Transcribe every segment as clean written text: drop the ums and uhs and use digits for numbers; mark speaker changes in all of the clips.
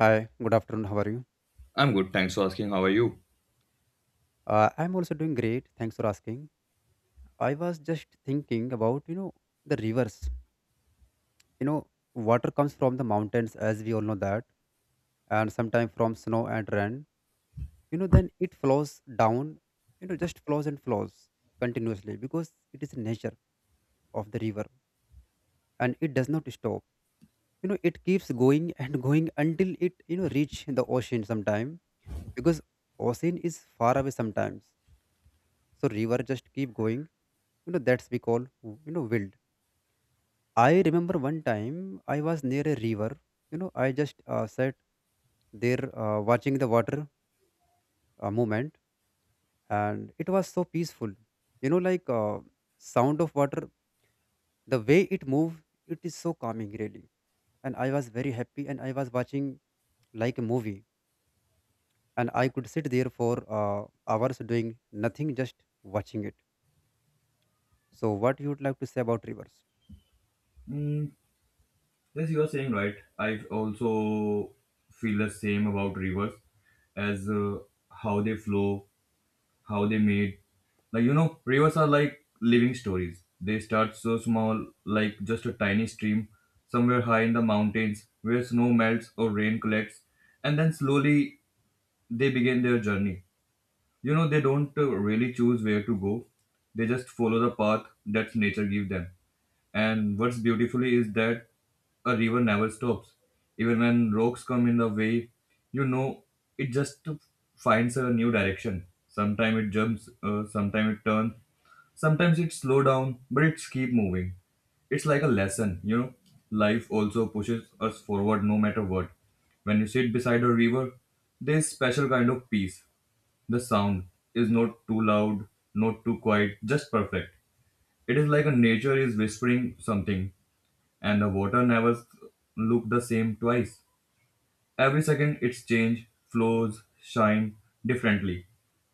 Speaker 1: Hi, good afternoon. How are you?
Speaker 2: I'm good, thanks for asking. How are you?
Speaker 1: I'm also doing great. Thanks for asking. I was just thinking about, the rivers. You know, Water comes from the mountains, as we all know that, and sometimes from snow and rain. Then it flows down, just flows and flows continuously because it is the nature of the river and it does not stop. It keeps going and going until it reach the ocean sometime because ocean is far away sometimes, so river just keep going. That's we call, wild. I remember one time I was near a river. I just sat there, watching the water movement, and it was so peaceful, like, sound of water, the way it move. It is so calming, really. And I was very happy, and I was watching like a movie. And I could sit there for uh, hours doing nothing, just watching it. So what you would like to say about rivers?
Speaker 2: Mm, yes, you are saying right. I also feel the same about rivers as how they flow, how they made. Like, you know, rivers are like living stories. They start so small, like just a tiny stream somewhere high in the mountains where snow melts or rain collects, and then slowly they begin their journey. You know, they don't really choose where to go. They just follow the path that nature gives them, and what's beautifully is that a river never stops even when rocks come in the way, you know. It just finds a new direction. Sometimes it jumps, sometimes it turns, sometimes it slow down, but it's keep moving. It's like a lesson, you know, life also pushes us forward no matter what. When you sit beside a river, there's special kind of peace. The sound is not too loud, not too quiet, just perfect. It is like a nature is whispering something, and the water never look the same twice. Every second it's change, flows, shine differently.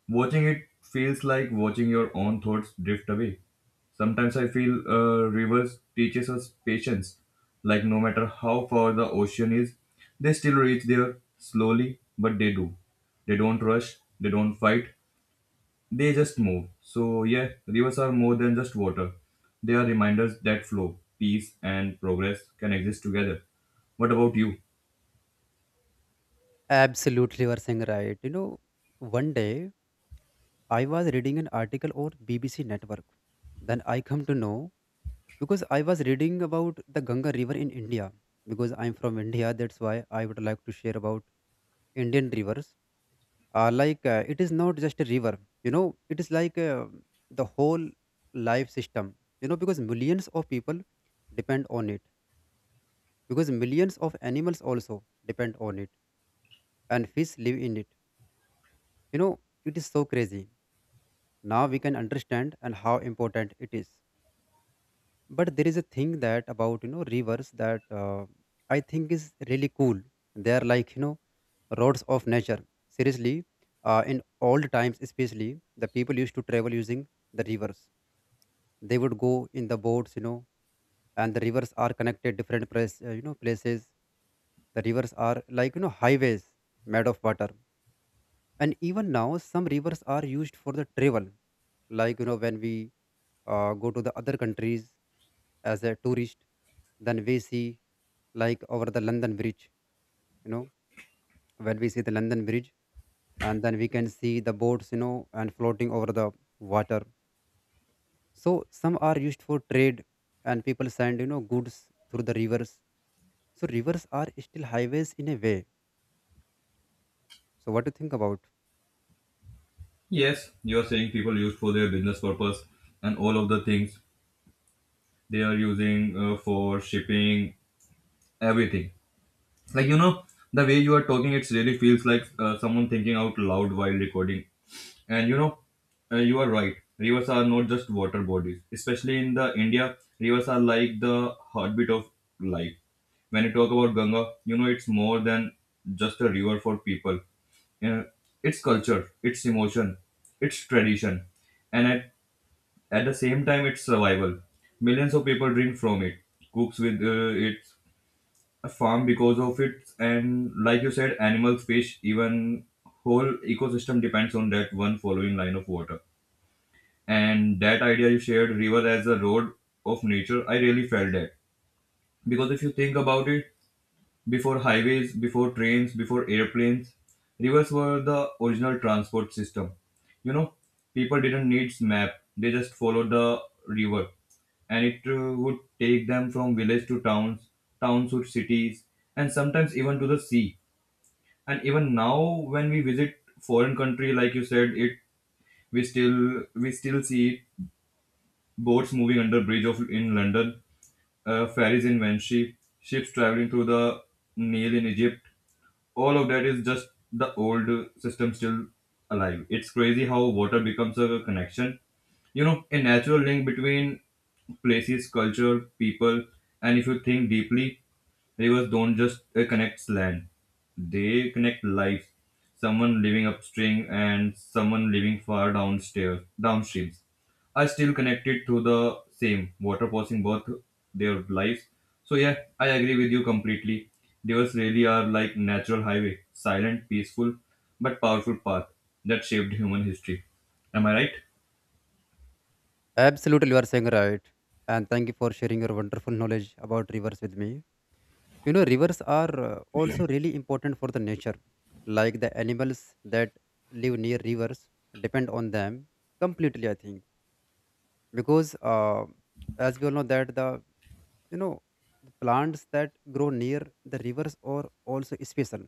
Speaker 2: Watching it feels like watching your own thoughts drift away. Sometimes I feel rivers teaches us patience. Like no matter how far the ocean is, they still reach there slowly, but they do. They don't rush, they don't fight, they just move. So, yeah, rivers are more than just water. They are reminders that flow, peace, and progress can exist together. What about you?
Speaker 1: Absolutely, you are saying right. You know, one day I was reading an article on BBC network. Then I come to know because I was reading about the Ganga River in India. Because I'm from India, that's why I would like to share about Indian rivers. Like, it is not just a river, you know, it is like, the whole life system. You know, because millions of people depend on it. Because millions of animals also depend on it, and fish live in it. You know, it is so crazy now, we can understand and how important it is. But there is a thing that about, you know, rivers that I think is really cool. They are like, you know, roads of nature. Seriously, in old times especially, the people used to travel using the rivers. They would go in the boats, you know, and the rivers are connected different place you know, places. The rivers are like, you know, highways made of water. And even now some rivers are used for the travel, like, you know, when we go to the other countries as a tourist, then we see like over the London Bridge, you know, when we see the London Bridge, and then we can see the boats, you know, and floating over the water. So some are used for trade, and people send, you know, goods through the rivers. So rivers are still highways in a way. So what do you think about?
Speaker 2: Yes, you are saying people used for their business purpose and all of the things they are using for shipping, everything. Like, you know, the way you are talking, it really feels like someone thinking out loud while recording. And you know, you are right, rivers are not just water bodies. Especially in the india, rivers are like the heartbeat of life. When you talk about ganga, you know, it's more than just a river for people. uh, it's culture, it's emotion, it's tradition, and at the same time it's survival. Millions of people drink from it, cooks with it, farm because of it, and like you said, animals, fish, even whole ecosystem depends on that one following line of water. And that idea you shared, river as a road of nature, I really felt that, because if you think about it, before highways, before trains, before airplanes, rivers were the original transport system. You know, people didn't need map; they just followed the river, and it would take them from village to towns, towns to cities, and sometimes even to the sea. And even now, when we visit foreign country, like you said, it we still see boats moving under bridge of in London, ferries in Venshi, ships traveling through the Nile in Egypt. All of that is just the old system still alive. It's crazy how water becomes a connection, you know, a natural link between places, culture, people. And if you think deeply, rivers don't just connect land; they connect life. Someone living upstream and someone living far downstairs, downstreams, are still connected through the same water passing both their lives. So yeah, I agree with you completely. Rivers really are like natural highway, silent, peaceful, but powerful path that shaped human history. Am I right?
Speaker 1: Absolutely, you are saying right. And thank you for sharing your wonderful knowledge about rivers with me. You know, rivers are, also really important for the nature. Like the animals that live near rivers depend on them completely, I think. Because as we all know that, you know, the plants that grow near the rivers are also special.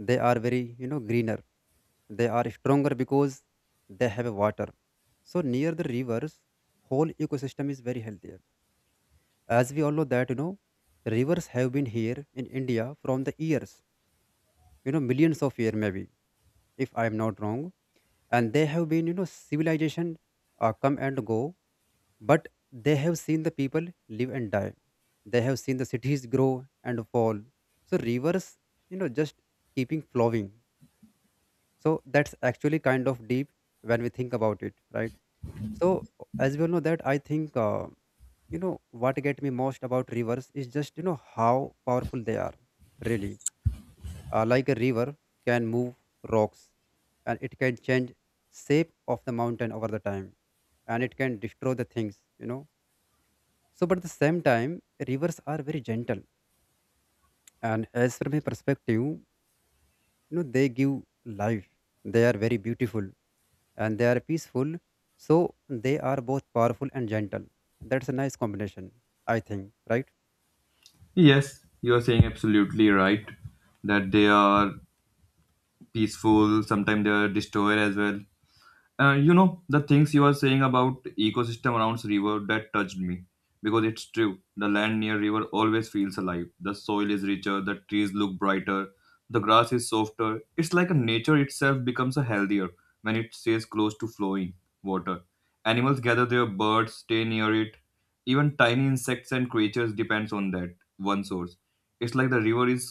Speaker 1: They are very, you know, greener. They are stronger because they have water. So near the rivers, whole ecosystem is very healthier. As we all know that, you know, rivers have been here in India from the years, you know, millions of years, maybe, if I am not wrong. And they have been, you know, civilization, come and go, but they have seen the people live and die. They have seen the cities grow and fall. So rivers, you know, just keeping flowing. So that's actually kind of deep when we think about it, right? So as we all know that, I think, you know, what get me most about rivers is just, you know, how powerful they are, really. Like a river can move rocks, and it can change shape of the mountain over the time, and it can destroy the things, you know. So but at the same time, rivers are very gentle. And as from a perspective, you know, they give life. They are very beautiful, and they are peaceful. So they are both powerful and gentle. That's a nice combination, I think, right?
Speaker 2: Yes, you are saying absolutely right that they are peaceful, sometimes they are destroyer as well. You know, the things you are saying about ecosystem around river, that touched me, because it's true. The land near river always feels alive. The soil is richer, the trees look brighter, the grass is softer. It's like a nature itself becomes a healthier when it stays close to flowing water. Animals gather there, birds stay near it, even tiny insects and creatures depends on that one source. It's like the river is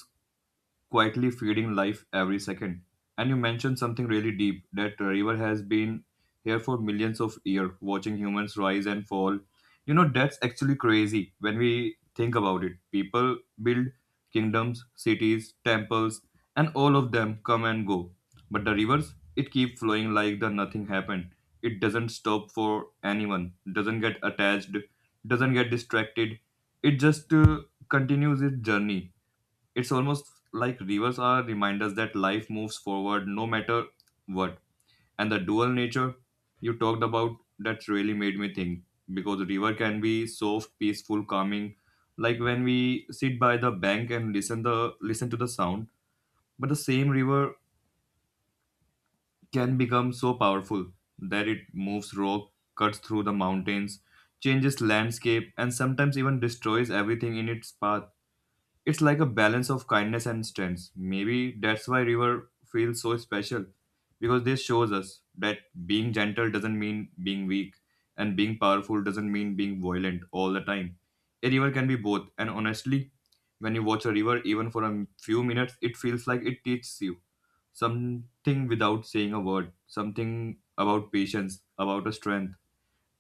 Speaker 2: quietly feeding life every second. And you mentioned something really deep, that the river has been here for millions of years, watching humans rise and fall. You know, that's actually crazy when we think about it. People build kingdoms, cities, temples, and all of them come and go. But the rivers, it keep flowing like the nothing happened. It doesn't stop for anyone, doesn't get attached, doesn't get distracted. It just continues its journey. It's almost like rivers are reminders that life moves forward no matter what. And the dual nature you talked about, that really made me think, because river can be soft, peaceful, calming, like when we sit by the bank and listen to the sound. But the same river can become so powerful that it moves rock, cuts through the mountains, changes landscape, and sometimes even destroys everything in its path. It's like a balance of kindness and strength. Maybe that's why river feels so special, because this shows us that being gentle doesn't mean being weak, and being powerful doesn't mean being violent all the time. A river can be both, and honestly, when you watch a river even for a few minutes, it feels like it teaches you something without saying a word, something about patience, about a strength,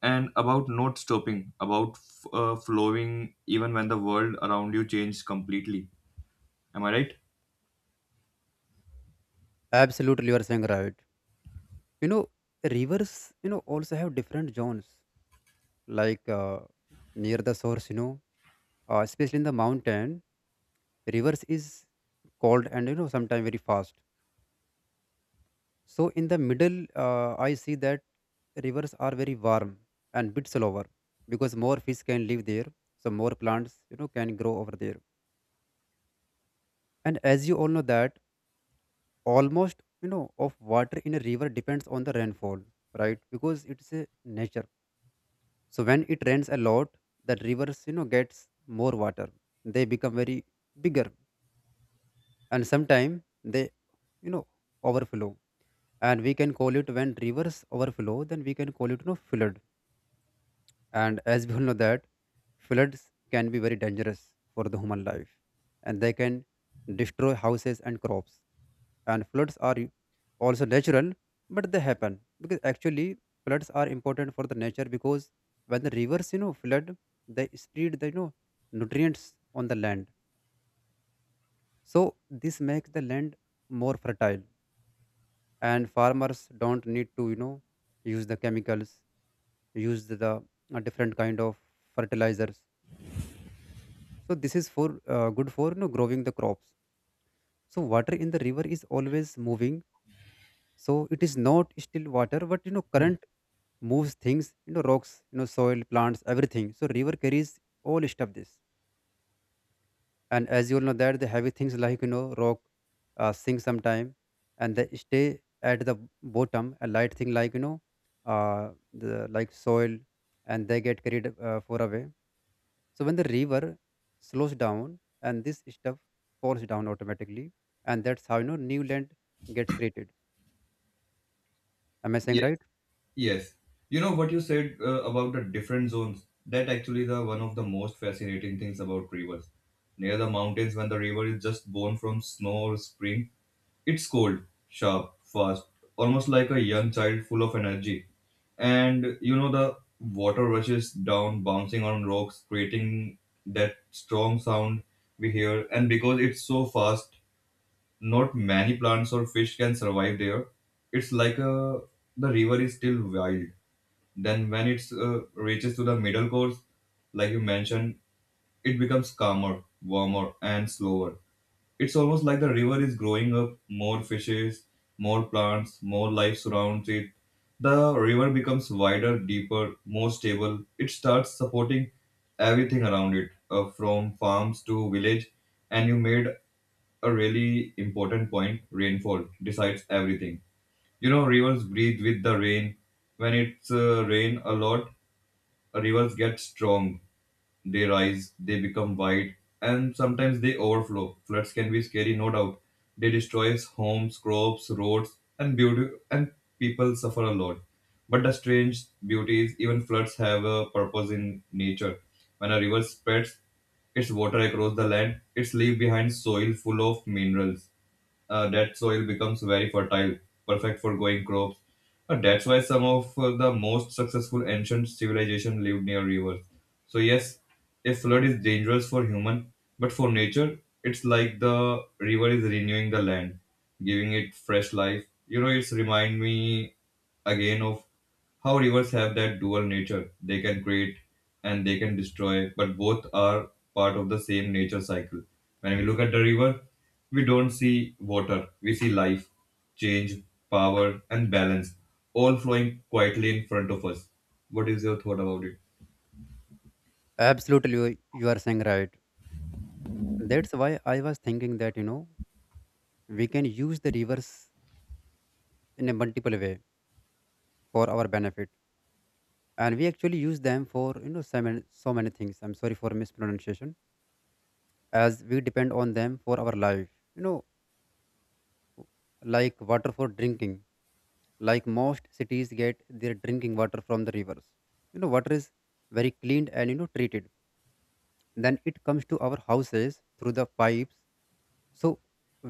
Speaker 2: and about not stopping, about flowing even when the world around you changes completely. Am I right?
Speaker 1: Absolutely, you are saying right. You know, rivers, you know, also have different zones, like, near the source, you know, especially in the mountain, rivers is cold and, you know, sometimes very fast. So in the middle, I see that rivers are very warm and bit slower, because more fish can live there, so more plants, you know, can grow over there. And as you all know that almost, you know, of water in a river depends on the rainfall, right? Because it's a nature. So when it rains a lot, the rivers, you know, gets more water. They become very bigger, and sometimes they, you know, overflow. And we can call it, when rivers overflow, then we can call it, you know, flood. And as we all know that floods can be very dangerous for the human life, and they can destroy houses and crops. And floods are also natural, but they happen because actually floods are important for the nature, because when the rivers, you know, flood, they spread the, you know, nutrients on the land. So this makes the land more fertile, and farmers don't need to, you know, use the chemicals, use the, different kind of fertilizers. So this is for good for, you know, growing the crops. So water in the river is always moving. So it is not still water, but, you know, current moves things, you know, rocks, you know, soil, plants, everything. So river carries all stuff this. And as you all know that the heavy things, like, you know, rock sink sometime, and they stay at the bottom. A light thing, like, you know, the like soil, and they get carried far away. So when the river slows down and this stuff falls down automatically, and that's how, you know, new land gets created. Am I saying
Speaker 2: Yes,
Speaker 1: right?
Speaker 2: yes. You know what you said about the different zones. That actually the one of the most fascinating things about rivers. Near the mountains, when the river is just born from snow or spring, it's cold, sharp, fast, almost like a young child full of energy. And you know, the water rushes down, bouncing on rocks, creating that strong sound we hear. And because it's so fast, not many plants or fish can survive there. It's like a, the river is still wild. Then when it reaches to the middle course, like you mentioned, it becomes calmer, warmer, and slower. It's almost like the river is growing up. More fishes, more plants, more life surrounds it. The river becomes wider, deeper, more stable. It starts supporting everything around it, from farms to village. And you made a really important point. Rainfall decides everything. You know, rivers breathe with the rain. When it's rain a lot, rivers get strong. They rise, they become wide, and sometimes they overflow. Floods can be scary, no doubt. They destroy homes, crops, roads, and beauty, and people suffer a lot. But the strange beauty is even floods have a purpose in nature. When a river spreads its water across the land, its leave behind soil full of minerals. That soil becomes very fertile, perfect for growing crops. That's why some of the most successful ancient civilizations lived near rivers. So yes, a flood is dangerous for human, but for nature, it's like the river is renewing the land, giving it fresh life. You know, it's remind me again of how rivers have that dual nature. They can create and they can destroy, but both are part of the same nature cycle. When we look at the river, we don't see water, we see life, change, power, and balance, all flowing quietly in front of us. What is your thought about it?
Speaker 1: Absolutely, you are saying right. That's why I was thinking that, you know, we can use the rivers in a multiple way for our benefit, and we actually use them for, you know, so many things. I'm sorry for mispronunciation, as we depend on them for our life. You know, like water for drinking, like most cities get their drinking water from the rivers. You know, water is very cleaned and, you know, treated. Then it comes to our houses through the pipes. So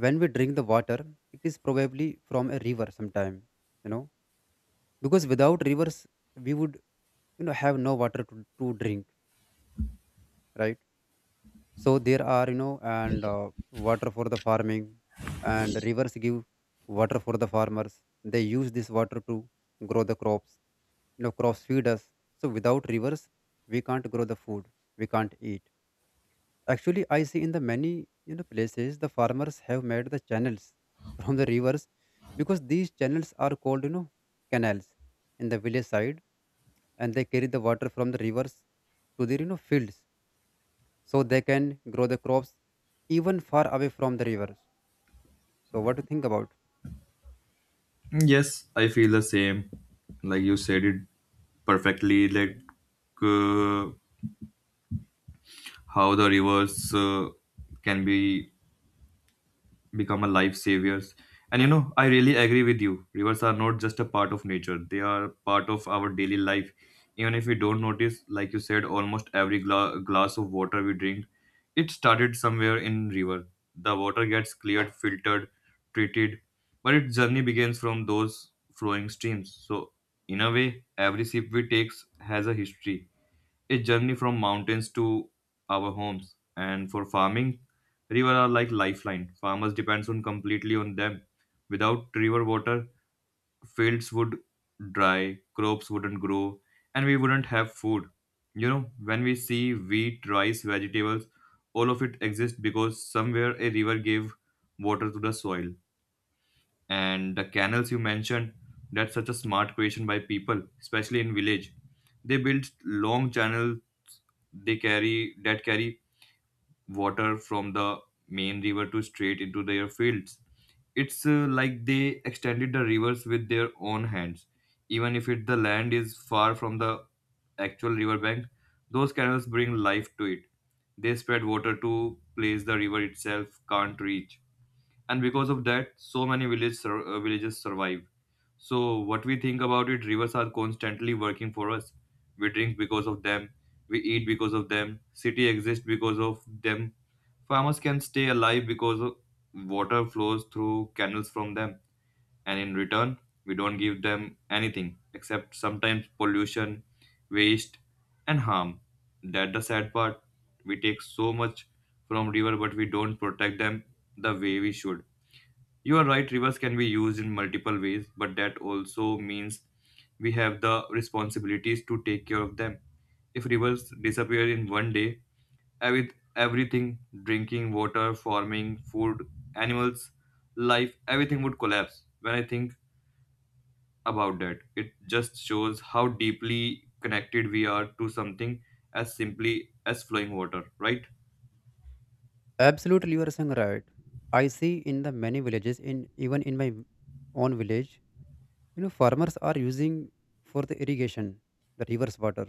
Speaker 1: when we drink the water, it is probably from a river sometime, you know, because without rivers we would, you know, have no water to drink, right? So there are, you know, and water for the farming. And rivers give water for the farmers. They use this water to grow the crops. You know, crops feed us. So without rivers, we can't grow the food, we can't eat. Actually, I see in the many, you know, places the farmers have made the channels from the rivers, because these channels are called, you know, canals, in the village side. And they carry the water from the rivers to their, you know, fields, so they can grow the crops even far away from the rivers. So what do you think about?
Speaker 2: Yes, I feel the same. Like you said it perfectly, like uh, how the rivers can be become a life saviors. And you know, I really agree with you, rivers are not just a part of nature, they are part of our daily life, even if we don't notice. Like you said, almost every glass of water we drink, it started somewhere in river. The water gets cleared, filtered, treated, but its journey begins from those flowing streams. So in a way, every sip we takes has a history, a journey from mountains to our homes. And for farming, rivers are like lifeline. Farmers depends on completely on them. Without river water, fields would dry, crops wouldn't grow, and we wouldn't have food. You know, when we see wheat, rice, vegetables, all of it exists because somewhere a river gave water to the soil. And the canals you mentioned, that's such a smart creation by people, especially in village. They built long channels they carry that carry water from the main river to straight into their fields. It's like they extended the rivers with their own hands, even if the land is far from the actual riverbank. Those canals bring life to it. They spread water to place the river itself can't reach, and because of that so many villages survive. So what we think about it, rivers are constantly working for us. We drink because of them, we eat because of them, city exists because of them. Farmers can stay alive because of water flows through canals from them. And in return, we don't give them anything except sometimes pollution, waste, and harm. That the sad part. We take so much from river, but we don't protect them the way we should. You are right, rivers can be used in multiple ways, but that also means we have the responsibilities to take care of them. If rivers disappear in one day, everything drinking water, farming, food, animals, life everything would collapse. When I think about that, it just shows how deeply connected we are to something as simply as flowing water, right?
Speaker 1: Absolutely, you are saying right. I see in the many villages, in even in my own village, you know, farmers are using for the irrigation the rivers water.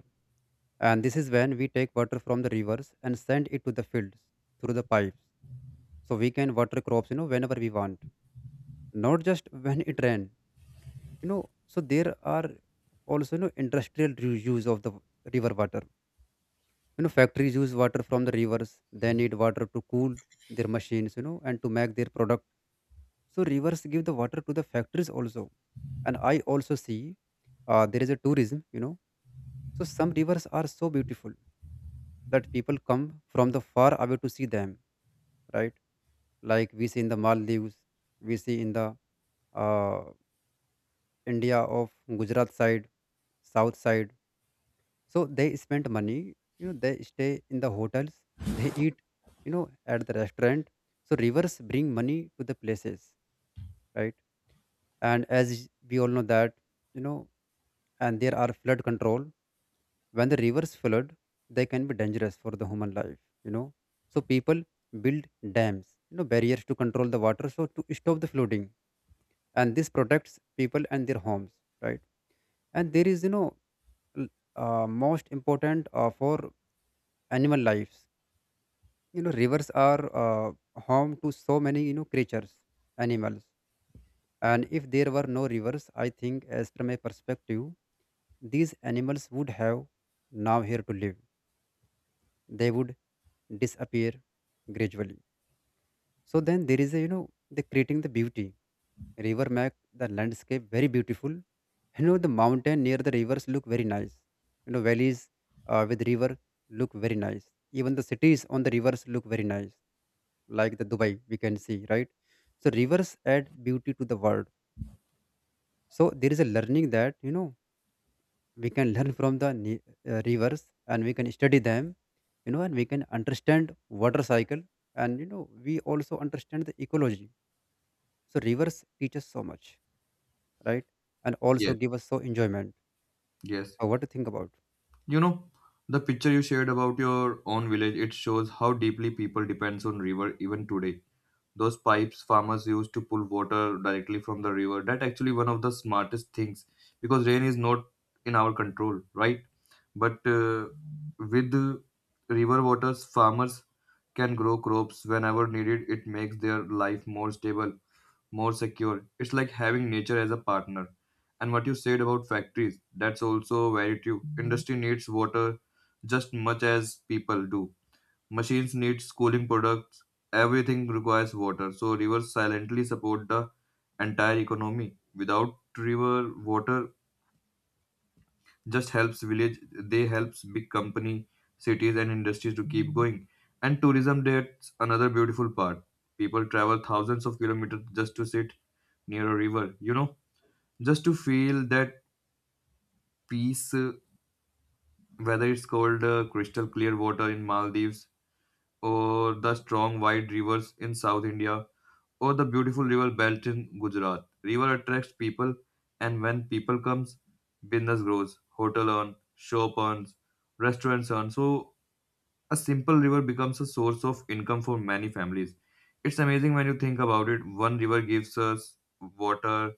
Speaker 1: And this is when we take water from the rivers and send it to the fields through the pipes, so we can water crops, you know, whenever we want, not just when it rain, you know. So there are also, you know, industrial use of the river water. You know, factories use water from the rivers. They need water to cool their machines, you know, and to make their product. So rivers give the water to the factories also. And I also see, there is a tourism, you know. So some rivers are so beautiful that people come from the far away to see them, right? Like we see in the Maldives, we see in the, uh, India of Gujarat side, south side. So they spend money, you know, they stay in the hotels, they eat, you know, at the restaurant. So rivers bring money to the places, right? And as we all know that, you know, and there are flood control. When the rivers flood, they can be dangerous for the human life, you know. So people build dams, you know, barriers to control the water, so to stop the flooding. And this protects people and their homes, right? And there is, l- most important for animal lives. Rivers are home to so many creatures, animals. And if there were no rivers, I think as from a perspective, these animals would have now here to live. They would disappear gradually. So then there is a, the creating the beauty. River make the landscape very beautiful. You know, the mountain near the rivers look very nice. You know, valleys with river look very nice. Even the cities on the rivers look very nice, like the Dubai we can see, right? So rivers add beauty to the world. So there is a learning that we can learn from the rivers, and we can study them, you know, and we can understand water cycle. And we also understand the ecology. So rivers teach us so much, right? And also
Speaker 2: Yes.
Speaker 1: give us so enjoyment.
Speaker 2: Yes.
Speaker 1: So what to think about?
Speaker 2: You know, the picture you shared about your own village, it shows how deeply people depends on river even today. Those pipes farmers use to pull water directly from the river, that actually one of the smartest things because rain is not in our control, right? But with the river waters, farmers can grow crops whenever needed. It makes their life more stable, more secure. It's like having nature as a partner. And what you said about factories, that's also very true. Industry needs water just much as people do. Machines need cooling products. Everything requires water. So rivers silently support the entire economy. Without river water, just helps village they helps big company, cities and industries to keep going. And tourism, that's another beautiful part. People travel thousands of kilometers just to sit near a river, you know, just to feel that peace. Whether it's called crystal clear water in Maldives, or the strong wide rivers in South India, or the beautiful river belt in Gujarat, river attracts people. And when people comes, business grows, hotel earn, shop earns, restaurants earn. So a simple river becomes a source of income for many families. It's amazing when you think about it. One river gives us water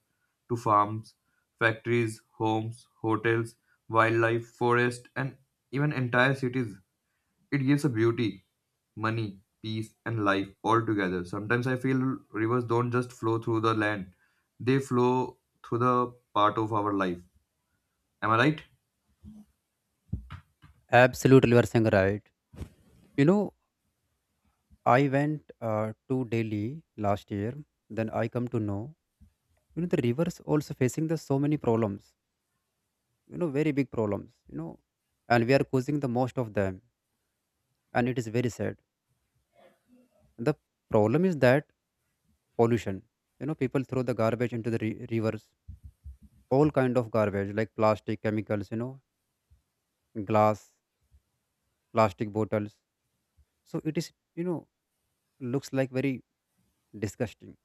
Speaker 2: to farms, factories, homes, hotels, wildlife, forest, and even entire cities. It gives a beauty, money, peace, and life all together. Sometimes I feel rivers don't just flow through the land, they flow through the part of our life. Am I right?
Speaker 1: Absolutely, you are saying right. You know, I went to Delhi last year. Then I come to know, you know, the rivers also facing the so many problems. You know, very big problems. You know, and we are causing the most of them, and it is very sad. The problem is that pollution. You know, people throw the garbage into the rivers, all kind of garbage like plastic, chemicals. You know, glass, plastic bottles. So it is, you know looks like very disgusting.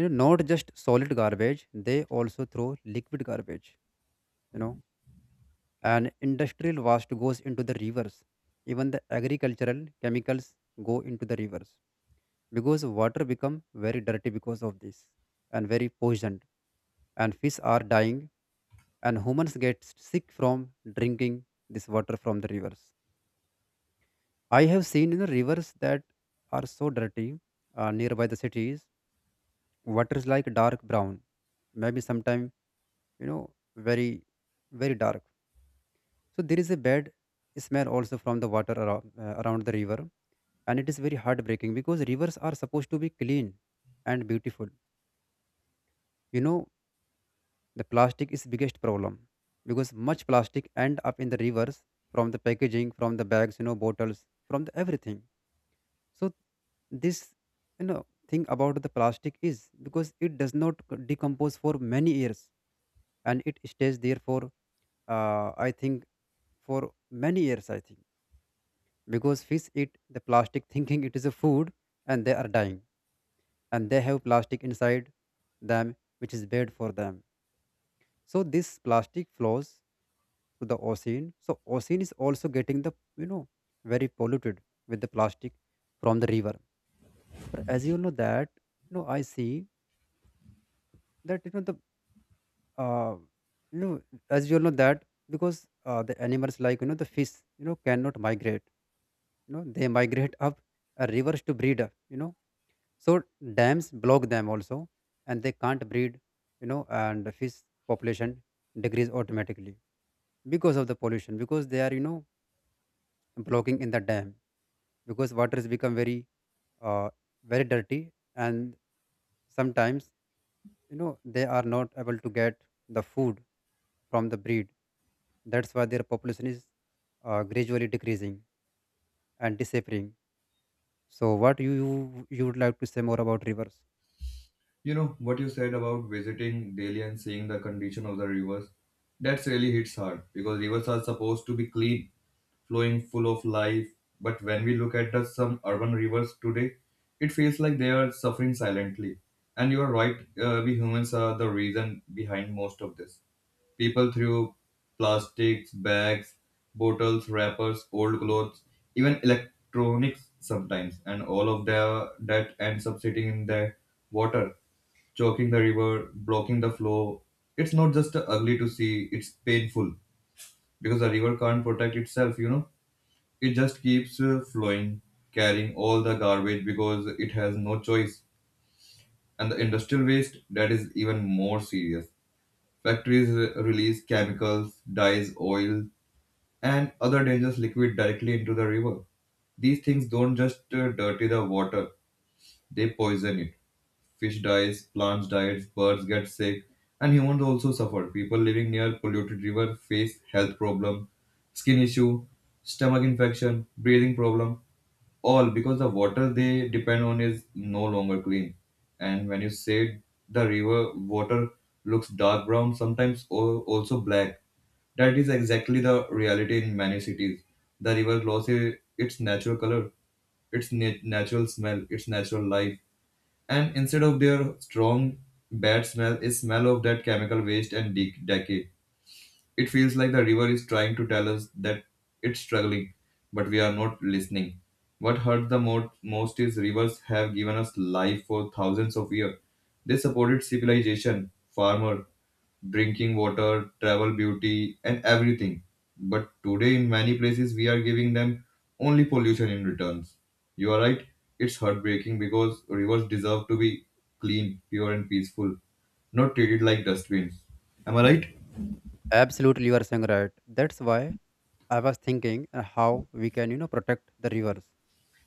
Speaker 1: Not just solid garbage, they also throw liquid garbage, know and industrial waste goes into the rivers. Even the agricultural chemicals go into the rivers, because water become very dirty because of this, and very poisoned, and fish are dying, and humans get sick from drinking this water from the rivers. I have seen in the rivers that are so dirty nearby the cities. Water is like dark brown, maybe sometime, you know, very very dark. So there is a bad smell also from the water around, around the river, and it is very heartbreaking because rivers are supposed to be clean and beautiful. You know, the plastic is biggest problem because much plastic end up in the rivers, from the packaging, from the bags, you know, bottles, from the everything. So this, thing about the plastic is because it does not decompose for many years, and it stays there for I think for many years I think. Because fish eat the plastic thinking it is a food, and they are dying, and they have plastic inside them which is bad for them. So this plastic flows to the ocean, so ocean is also getting the, you know very polluted with the plastic from the river. But as you know that, I see that the uh, you know as you know that, because the animals like, the fish, cannot migrate. You know, they migrate up rivers to breed. You know, so dams block them also, and they can't breed. You know, and the fish population decrease automatically because of the pollution, because they are, blocking in the dam, because water has become very uh, very dirty. And sometimes, they are not able to get the food from the breed. That's why their population is gradually decreasing and disappearing. So what you would like to say more about rivers?
Speaker 2: You know what you said about visiting daily and seeing the condition of the rivers? That's really hits hard because rivers are supposed to be clean, flowing, full of life. But when we look at the some urban rivers today, it feels like they are suffering silently. And you are right, we humans are the reason behind most of this. People threw plastics, bags, bottles, wrappers, old clothes, even electronics sometimes, and that ends up sitting in the water, choking the river, blocking the flow. It's not just ugly to see, it's painful because the river can't protect itself, you know. It just keeps flowing, carrying all the garbage because it has no choice. And the industrial waste, that is even more serious. Factories release chemicals, dyes, oil, and other dangerous liquid directly into the river. These things don't just dirty the water, they poison it. Fish dies, plants die, birds get sick, and humans also suffer. People living near polluted river face health problem, skin issue, stomach infection, breathing problem, all because the water they depend on is no longer clean. And when you say the river water looks dark brown, sometimes also black, that is exactly the reality in many cities. The river loses its natural color, its natural smell, its natural life, and instead of their strong bad smell, a smell of that chemical waste and decay. It feels like the river is trying to tell us that it's struggling, but we are not listening. What hurts the most is rivers have given us life for thousands of years. They supported civilization, farmer, drinking water, travel, beauty, and everything. But today, in many places, we are giving them only pollution in returns. You are right, it's heartbreaking because rivers deserve to be clean, pure, and peaceful, not treated like dustbins. Am I right?
Speaker 1: Absolutely, you are saying right. That's why I was thinking how we can, you know, protect the rivers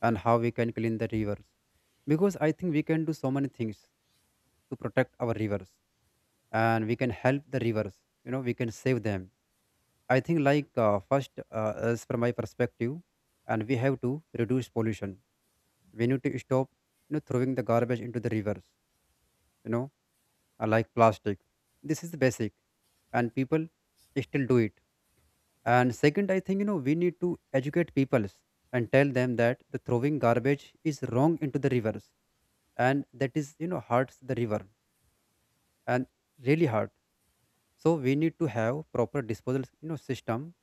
Speaker 1: and how we can clean the rivers. Because I think we can do so many things to protect our rivers, and we can help the rivers, you know, we can save them. I think, like, first, as from my perspective, and we have to reduce pollution. We need to stop, you know, throwing the garbage into the rivers, you know, like plastic. This is the basic, and people still do it. And second, I think, you know, we need to educate people and tell them that the throwing garbage is wrong into the rivers, and that is, you know, hurts the river, and really hurt. So we need to have proper disposal, you know, system,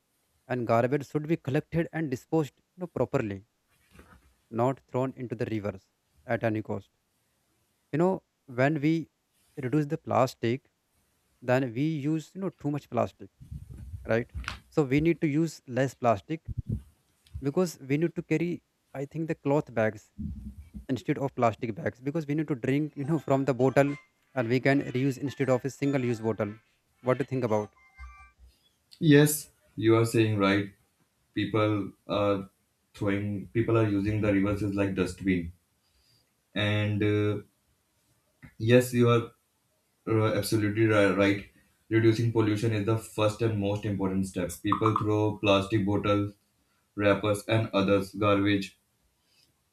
Speaker 1: and garbage should be collected and disposed, you know, properly, not thrown into the rivers at any cost. You know, when we reduce the plastic, then we use, you know, too much plastic, right? So we need to use less plastic, because we need to carry, I think, the cloth bags instead of plastic bags. Because we need to drink, you know, from the bottle, and we can reuse instead of a single use bottle. What do you think about?
Speaker 2: Yes, you are saying right. People are people are using the rivers as like dustbin. And yes, you are absolutely right. Reducing pollution is the first and most important step. People throw plastic bottles, wrappers, and others garbage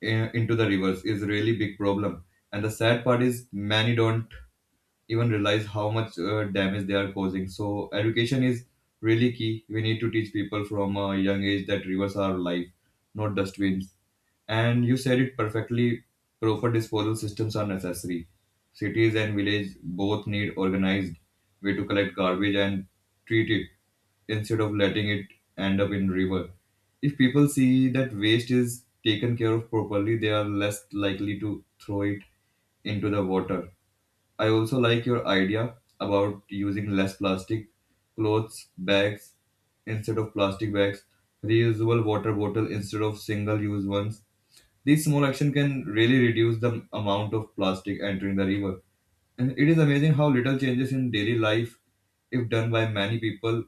Speaker 2: into the rivers is really big problem. And the sad part is many don't even realize how much damage they are causing. So education is really key. We need to teach people from a young age that rivers are life, not dustbins. And you said it perfectly. Proper disposal systems are necessary. Cities and village both need organized way to collect garbage and treat it instead of letting it end up in river. If people see that waste is taken care of properly, they are less likely to throw it into the water. I also like your idea about using less plastic, clothes bags instead of plastic bags, reusable water bottle instead of single use ones. These small action can really reduce the amount of plastic entering the river. And it is amazing how little changes in daily life, if done by many people,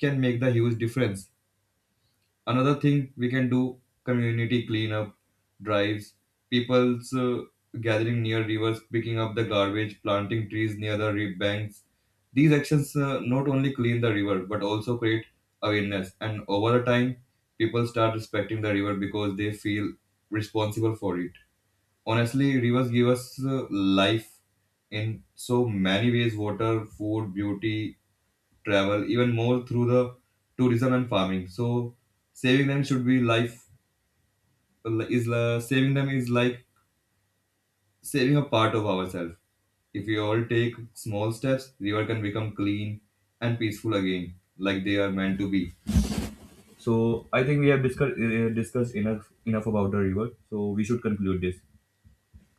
Speaker 2: can make the huge difference. Another thing we can do, community cleanup drives, people's gathering near rivers, picking up the garbage, planting trees near the banks. These actions not only clean the river but also create awareness, and over the time people start respecting the river because they feel responsible for it. Honestly, rivers give us life in so many ways, water, food, beauty, travel, even more through the tourism and farming. So saving them should be life saving them is like saving a part of ourselves. If we all take small steps, river can become clean and peaceful again like they are meant to be. So I think we have discussed enough about the river, so we should conclude this.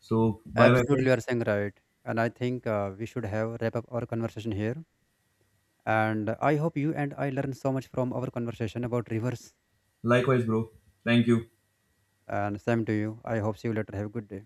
Speaker 2: So bye my
Speaker 1: Absolutely, you are
Speaker 2: friends.
Speaker 1: saying right. And I think we should have wrap up our conversation here, and I hope you and I learned so much from our conversation about rivers.
Speaker 2: Likewise bro. Thank you.
Speaker 1: And same to you, I hope see you later, have a good day.